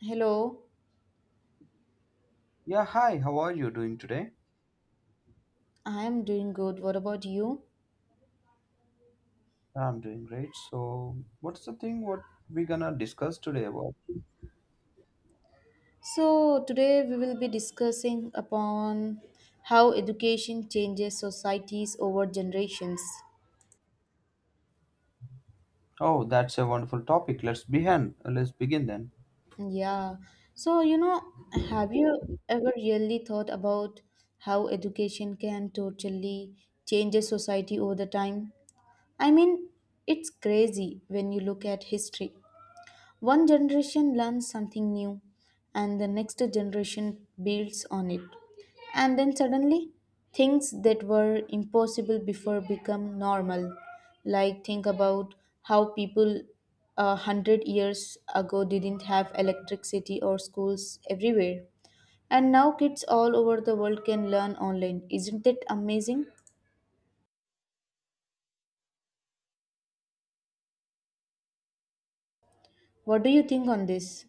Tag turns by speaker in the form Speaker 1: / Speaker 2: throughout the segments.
Speaker 1: Hello,
Speaker 2: Yeah, hi. How are you doing today?
Speaker 1: I am doing good. What about you?
Speaker 2: I'm doing great. So, what's the thing what we gonna discuss today about?
Speaker 1: So, today we will be discussing upon how education changes societies over generations.
Speaker 2: Oh, that's a wonderful topic. Let's begin. Let's begin then.
Speaker 1: Yeah. So, you know, have you ever really thought about how education can totally change a society over the time? I mean, it's crazy when you look at history. One generation learns something new, and the next generation builds on it. And then suddenly, things that were impossible before become normal. Like, think about how people a hundred years ago didn't have electricity or schools everywhere. And now kids all over the world can learn online. Isn't it amazing? What do you think on this?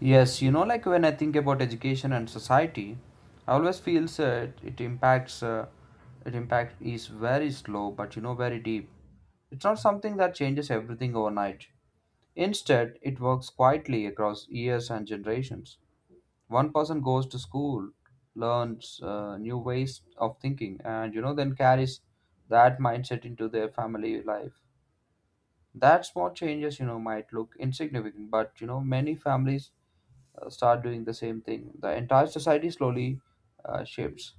Speaker 2: Yes, you know, like when I think about education and society, I always feels it impacts. It impact is very slow, but you know, very deep. It's not something that changes everything overnight. Instead, it works quietly across years and generations. One person goes to school, learns new ways of thinking, and you know then carries that mindset into their family life. That small changes you know might look insignificant, but you know many families start doing the same thing, the entire society slowly shifts.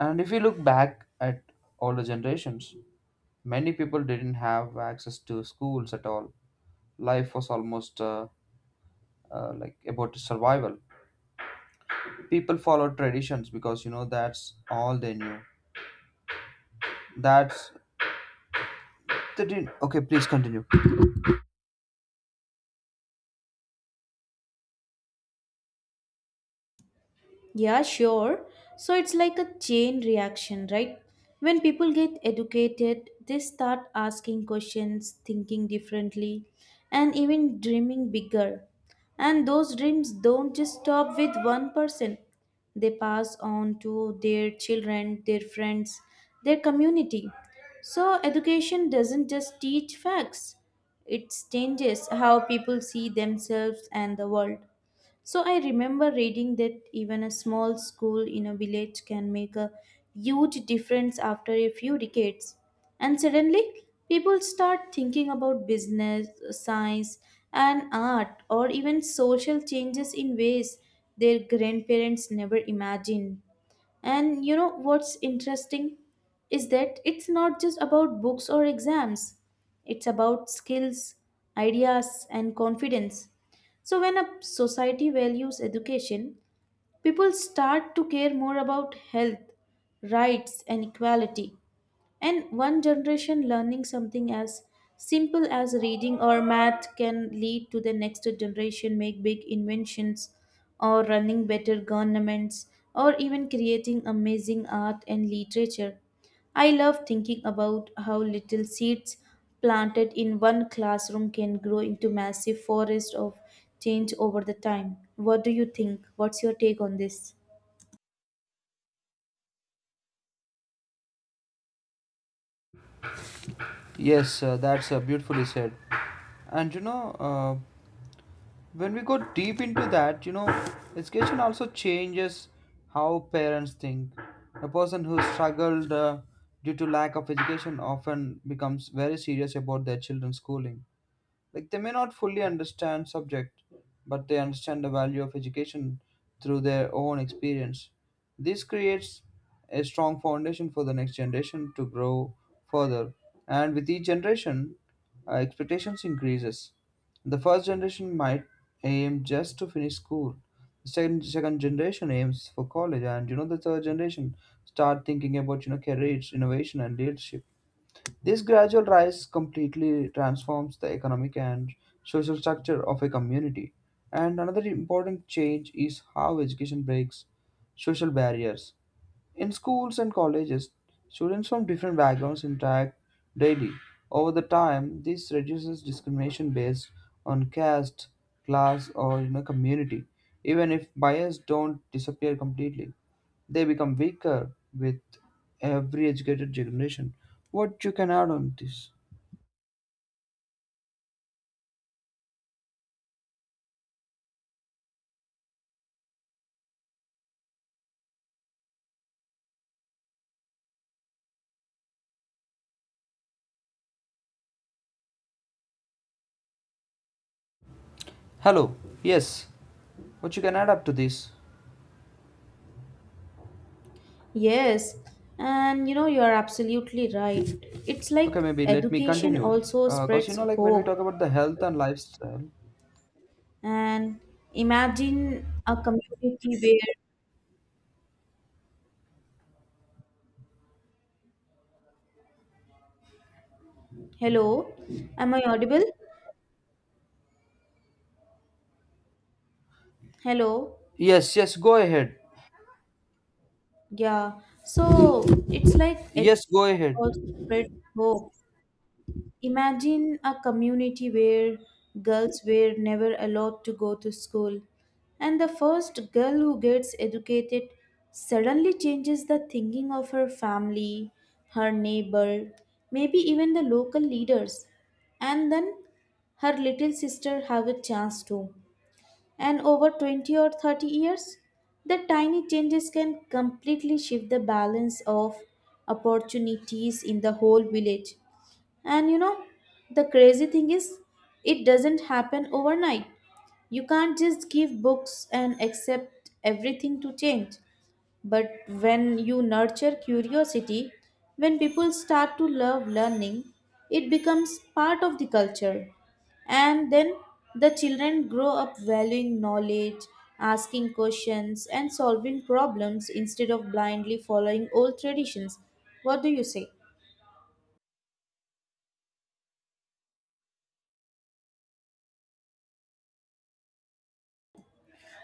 Speaker 2: And if you look back at older generations, many people didn't have access to schools at all. Life was almost like about survival. People follow traditions because you know that's all they knew. That's they didn't. Okay, please continue.
Speaker 1: Yeah, sure. So it's like a chain reaction, right? When people get educated, they start asking questions, thinking differently, and even dreaming bigger. And those dreams don't just stop with one person, they pass on to their children, their friends, their community. So, education doesn't just teach facts, it changes how people see themselves and the world. So I remember reading that even a small school in a village can make a huge difference after a few decades. And suddenly, people start thinking about business, science, and art, or even social changes in ways their grandparents never imagined. And you know what's interesting is that it's not just about books or exams, it's about skills, ideas, and confidence. So, when a society values education, people start to care more about health, rights, and equality. And one generation learning something as simple as reading or math can lead to the next generation make big inventions or running better governments or even creating amazing art and literature. I love thinking about how little seeds planted in one classroom can grow into massive forest of change over the time. What do you think? What's your take on this?
Speaker 2: Yes, that's beautifully said. And you know, uh, when we go deep into that, you know education also changes how parents think. A person who struggled due to lack of education often becomes very serious about their children's schooling. Like they may not fully understand subject, but they understand the value of education through their own experience. This creates a strong foundation for the next generation to grow further. And with each generation, expectations increases. The first generation might aim just to finish school. The second generation aims for college, and you know the third generation start thinking about you know careers, innovation, and leadership. This gradual rise completely transforms the economic and social structure of a community. And another important change is how education breaks social barriers. In schools and colleges, students from different backgrounds interact daily. Over the time, this reduces discrimination based on caste, class, or you know, community, even if bias don't disappear completely. They become weaker with every educated generation. What you can add on this? Hello. Yes. What you can add up to this?
Speaker 1: Yes, and you know, you are absolutely right. It's
Speaker 2: Okay,
Speaker 1: like
Speaker 2: maybe let me
Speaker 1: education
Speaker 2: continue.
Speaker 1: also
Speaker 2: Because you
Speaker 1: spreads
Speaker 2: know, like when we
Speaker 1: hope.
Speaker 2: talk about the health and lifestyle.
Speaker 1: And imagine a community where, hello, am I audible? Hello,
Speaker 2: Yes, yes, go ahead.
Speaker 1: yeah. So it's like
Speaker 2: Yes, go
Speaker 1: education
Speaker 2: ahead.
Speaker 1: also spreads hope. Imagine a community where girls were never allowed to go to school, and the first girl who gets educated suddenly changes the thinking of her family, her neighbor, maybe even the local leaders. And then her little sister have a chance too. And over 20 or 30 years, the tiny changes can completely shift the balance of opportunities in the whole village. And you know, the crazy thing is, it doesn't happen overnight. You can't just give books and accept everything to change. But when you nurture curiosity, when people start to love learning, it becomes part of the culture. And then the children grow up valuing knowledge, asking questions, and solving problems instead of blindly following old traditions. What do you say?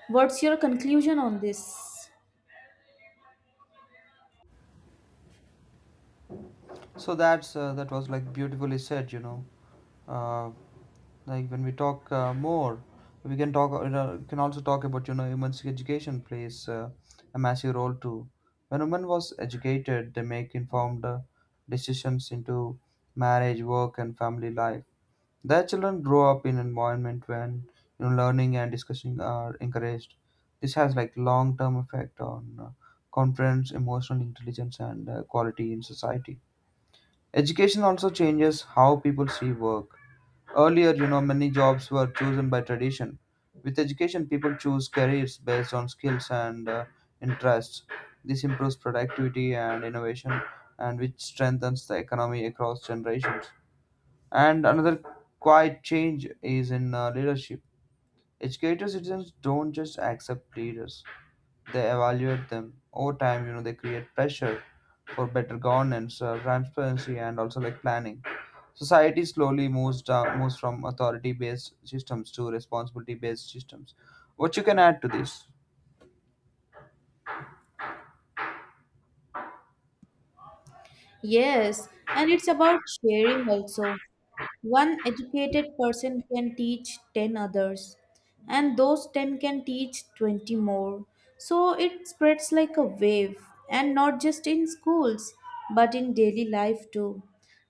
Speaker 1: What's your conclusion on this?
Speaker 2: So that's that was like beautifully said, you know. Uh, like when we talk more, we can talk you know, can also talk about you know women's education plays a massive role too. When women was educated, they make informed decisions into marriage, work, and family life. Their children grow up in an environment when you know learning and discussing are encouraged. This has like long term effect on confidence, emotional intelligence, and quality in society. Education also changes how people see work. Earlier, you know, many jobs were chosen by tradition. With education, people choose careers based on skills and interests. This improves productivity and innovation, and which strengthens the economy across generations. And another quiet change is in leadership. Educated citizens don't just accept leaders; they evaluate them over time. You know they create pressure for better governance, transparency, and also like planning. Society slowly moves down, moves from authority based systems to responsibility based systems. What you can add to this?
Speaker 1: Yes, and it's about sharing also. One educated person can teach 10 others, and those 10 can teach 20 more. So it spreads like a wave, and not just in schools, but in daily life too.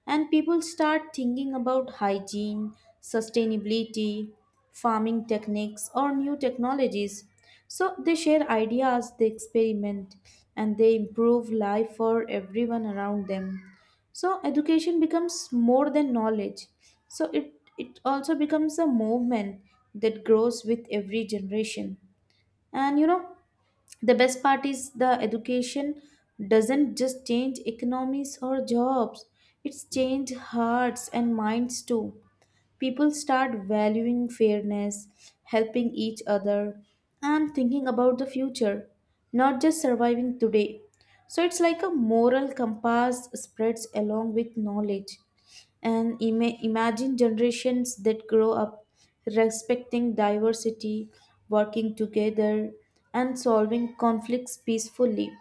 Speaker 1: And people start thinking about hygiene, sustainability, farming techniques, or new technologies. So they share ideas, they experiment, and they improve life for everyone around them. So education becomes more than knowledge. So it also becomes a movement that grows with every generation. And you know, the best part is the education doesn't just change economies or jobs, it's changed hearts and minds too. People start valuing fairness, helping each other, and thinking about the future, not just surviving today. So it's like a moral compass spreads along with knowledge. And imagine generations that grow up respecting diversity, working together, and solving conflicts peacefully.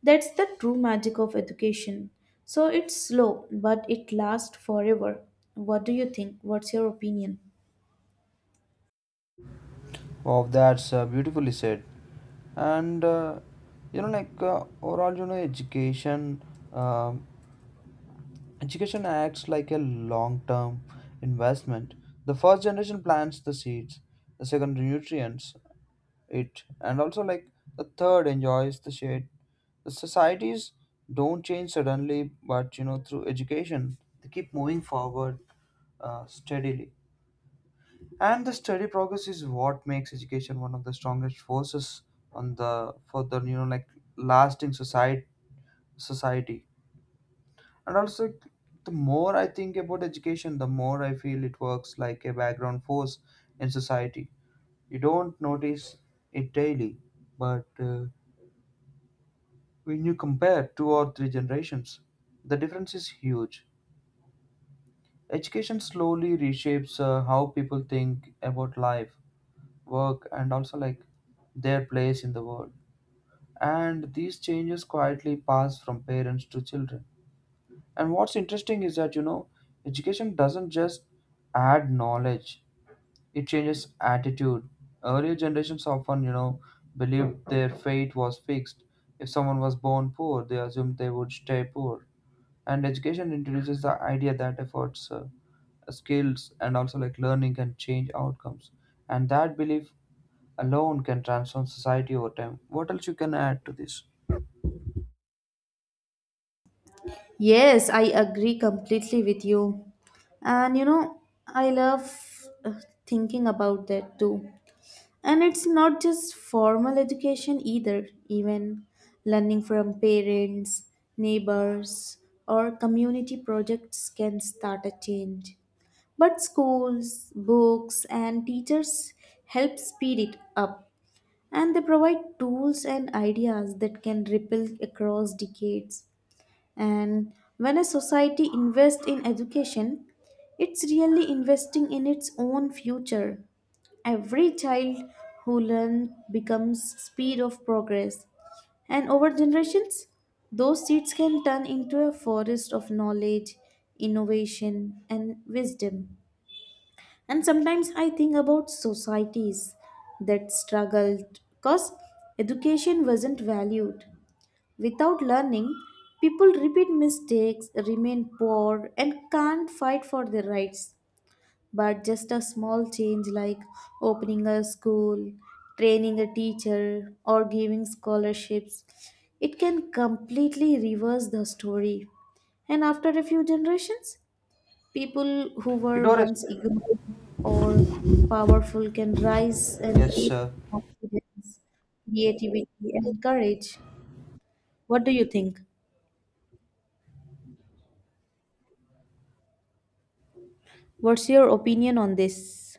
Speaker 1: That's the true magic of education. So it's slow, but it lasts forever. What do you think? What's your opinion?
Speaker 2: Wow, that's beautifully said. And you know like overall you know education, um education acts like a long term investment. The first generation plants the seeds, the second nutrients it, and also like the third enjoys the shade. The societies don't change suddenly, but you know, through education, they keep moving forward steadily. And the steady progress is what makes education one of the strongest forces on the, for the you know like lasting society. And also, the more I think about education, the more I feel it works like a background force in society. You don't notice it daily, but when you compare two or three generations, the difference is huge. Education slowly reshapes how people think about life, work, and also like their place in the world. And these changes quietly pass from parents to children. And what's interesting is that, you know, education doesn't just add knowledge, it changes attitude. Earlier generations often, you know, believed their fate was fixed. If someone was born poor, they assumed they would stay poor. And education introduces the idea that efforts, skills, and also like learning can change outcomes. And that belief alone can transform society over time. What else you can add to this?
Speaker 1: Yes, I agree completely with you. And you know, I love thinking about that too. And it's not just formal education either, even learning from parents, neighbors, or community projects can start a change. But schools, books, and teachers help speed it up, and they provide tools and ideas that can ripple across decades. And when a society invests in education, it's really investing in its own future. Every child who learns becomes speed of progress. And over generations, those seeds can turn into a forest of knowledge, innovation, and wisdom. And sometimes I think about societies that struggled because education wasn't valued. Without learning, people repeat mistakes, remain poor, and can't fight for their rights, but just a small change like opening a school, training a teacher, or giving scholarships, it can completely reverse the story. And after a few generations, people who were
Speaker 2: Doris.
Speaker 1: once ignored or powerful can rise and
Speaker 2: Yes,
Speaker 1: lead
Speaker 2: sir.
Speaker 1: with confidence, creativity, and courage. What do you think? What's your opinion on this?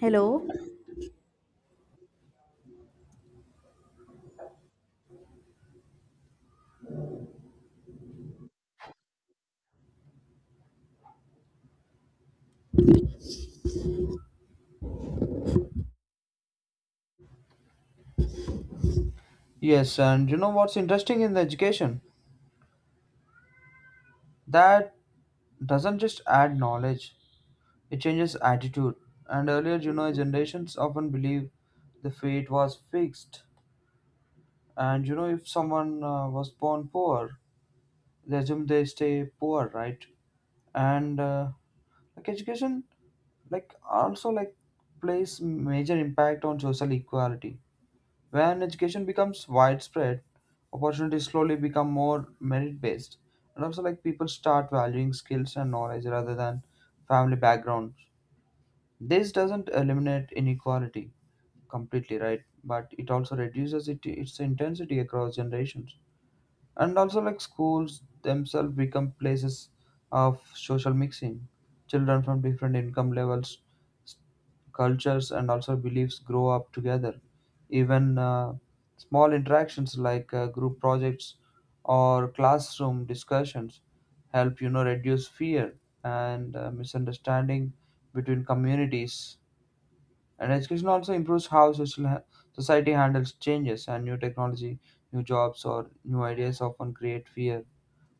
Speaker 1: Hello?
Speaker 2: Yes, and you know what's interesting in the education? That doesn't just add knowledge, it changes attitude. And earlier you know generations often believe the fate was fixed. And you know if someone was born poor, they assume they stay poor, right? And like education, like also like plays major impact on social equality. When education becomes widespread, opportunities slowly become more merit based. And also, like people start valuing skills and knowledge rather than family backgrounds. This doesn't eliminate inequality completely, right? But it also reduces it, its intensity across generations. And also, like schools themselves become places of social mixing. Children from different income levels, cultures, and also beliefs grow up together. Even small interactions like group projects or classroom discussions help you know reduce fear and misunderstanding between communities. And education also improves how social society handles changes, and new technology, new jobs, or new ideas often create fear.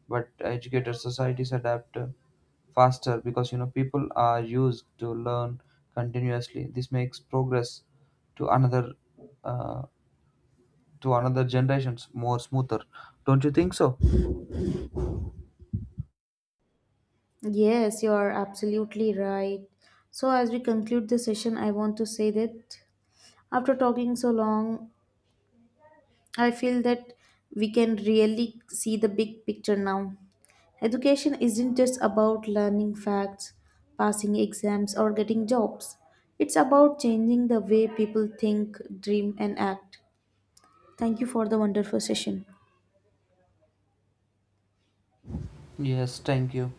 Speaker 2: But educated societies adapt faster because you know people are used to learn continuously. This makes progress to another, uh, to another generations more smoother. Don't you think so?
Speaker 1: Yes, you are absolutely right. So, as we conclude the session, I want to say that after talking so long, I feel that we can really see the big picture now. Education isn't just about learning facts, passing exams, or getting jobs, it's about changing the way people think, dream, and act. Thank you for the wonderful session.
Speaker 2: Yes, thank you.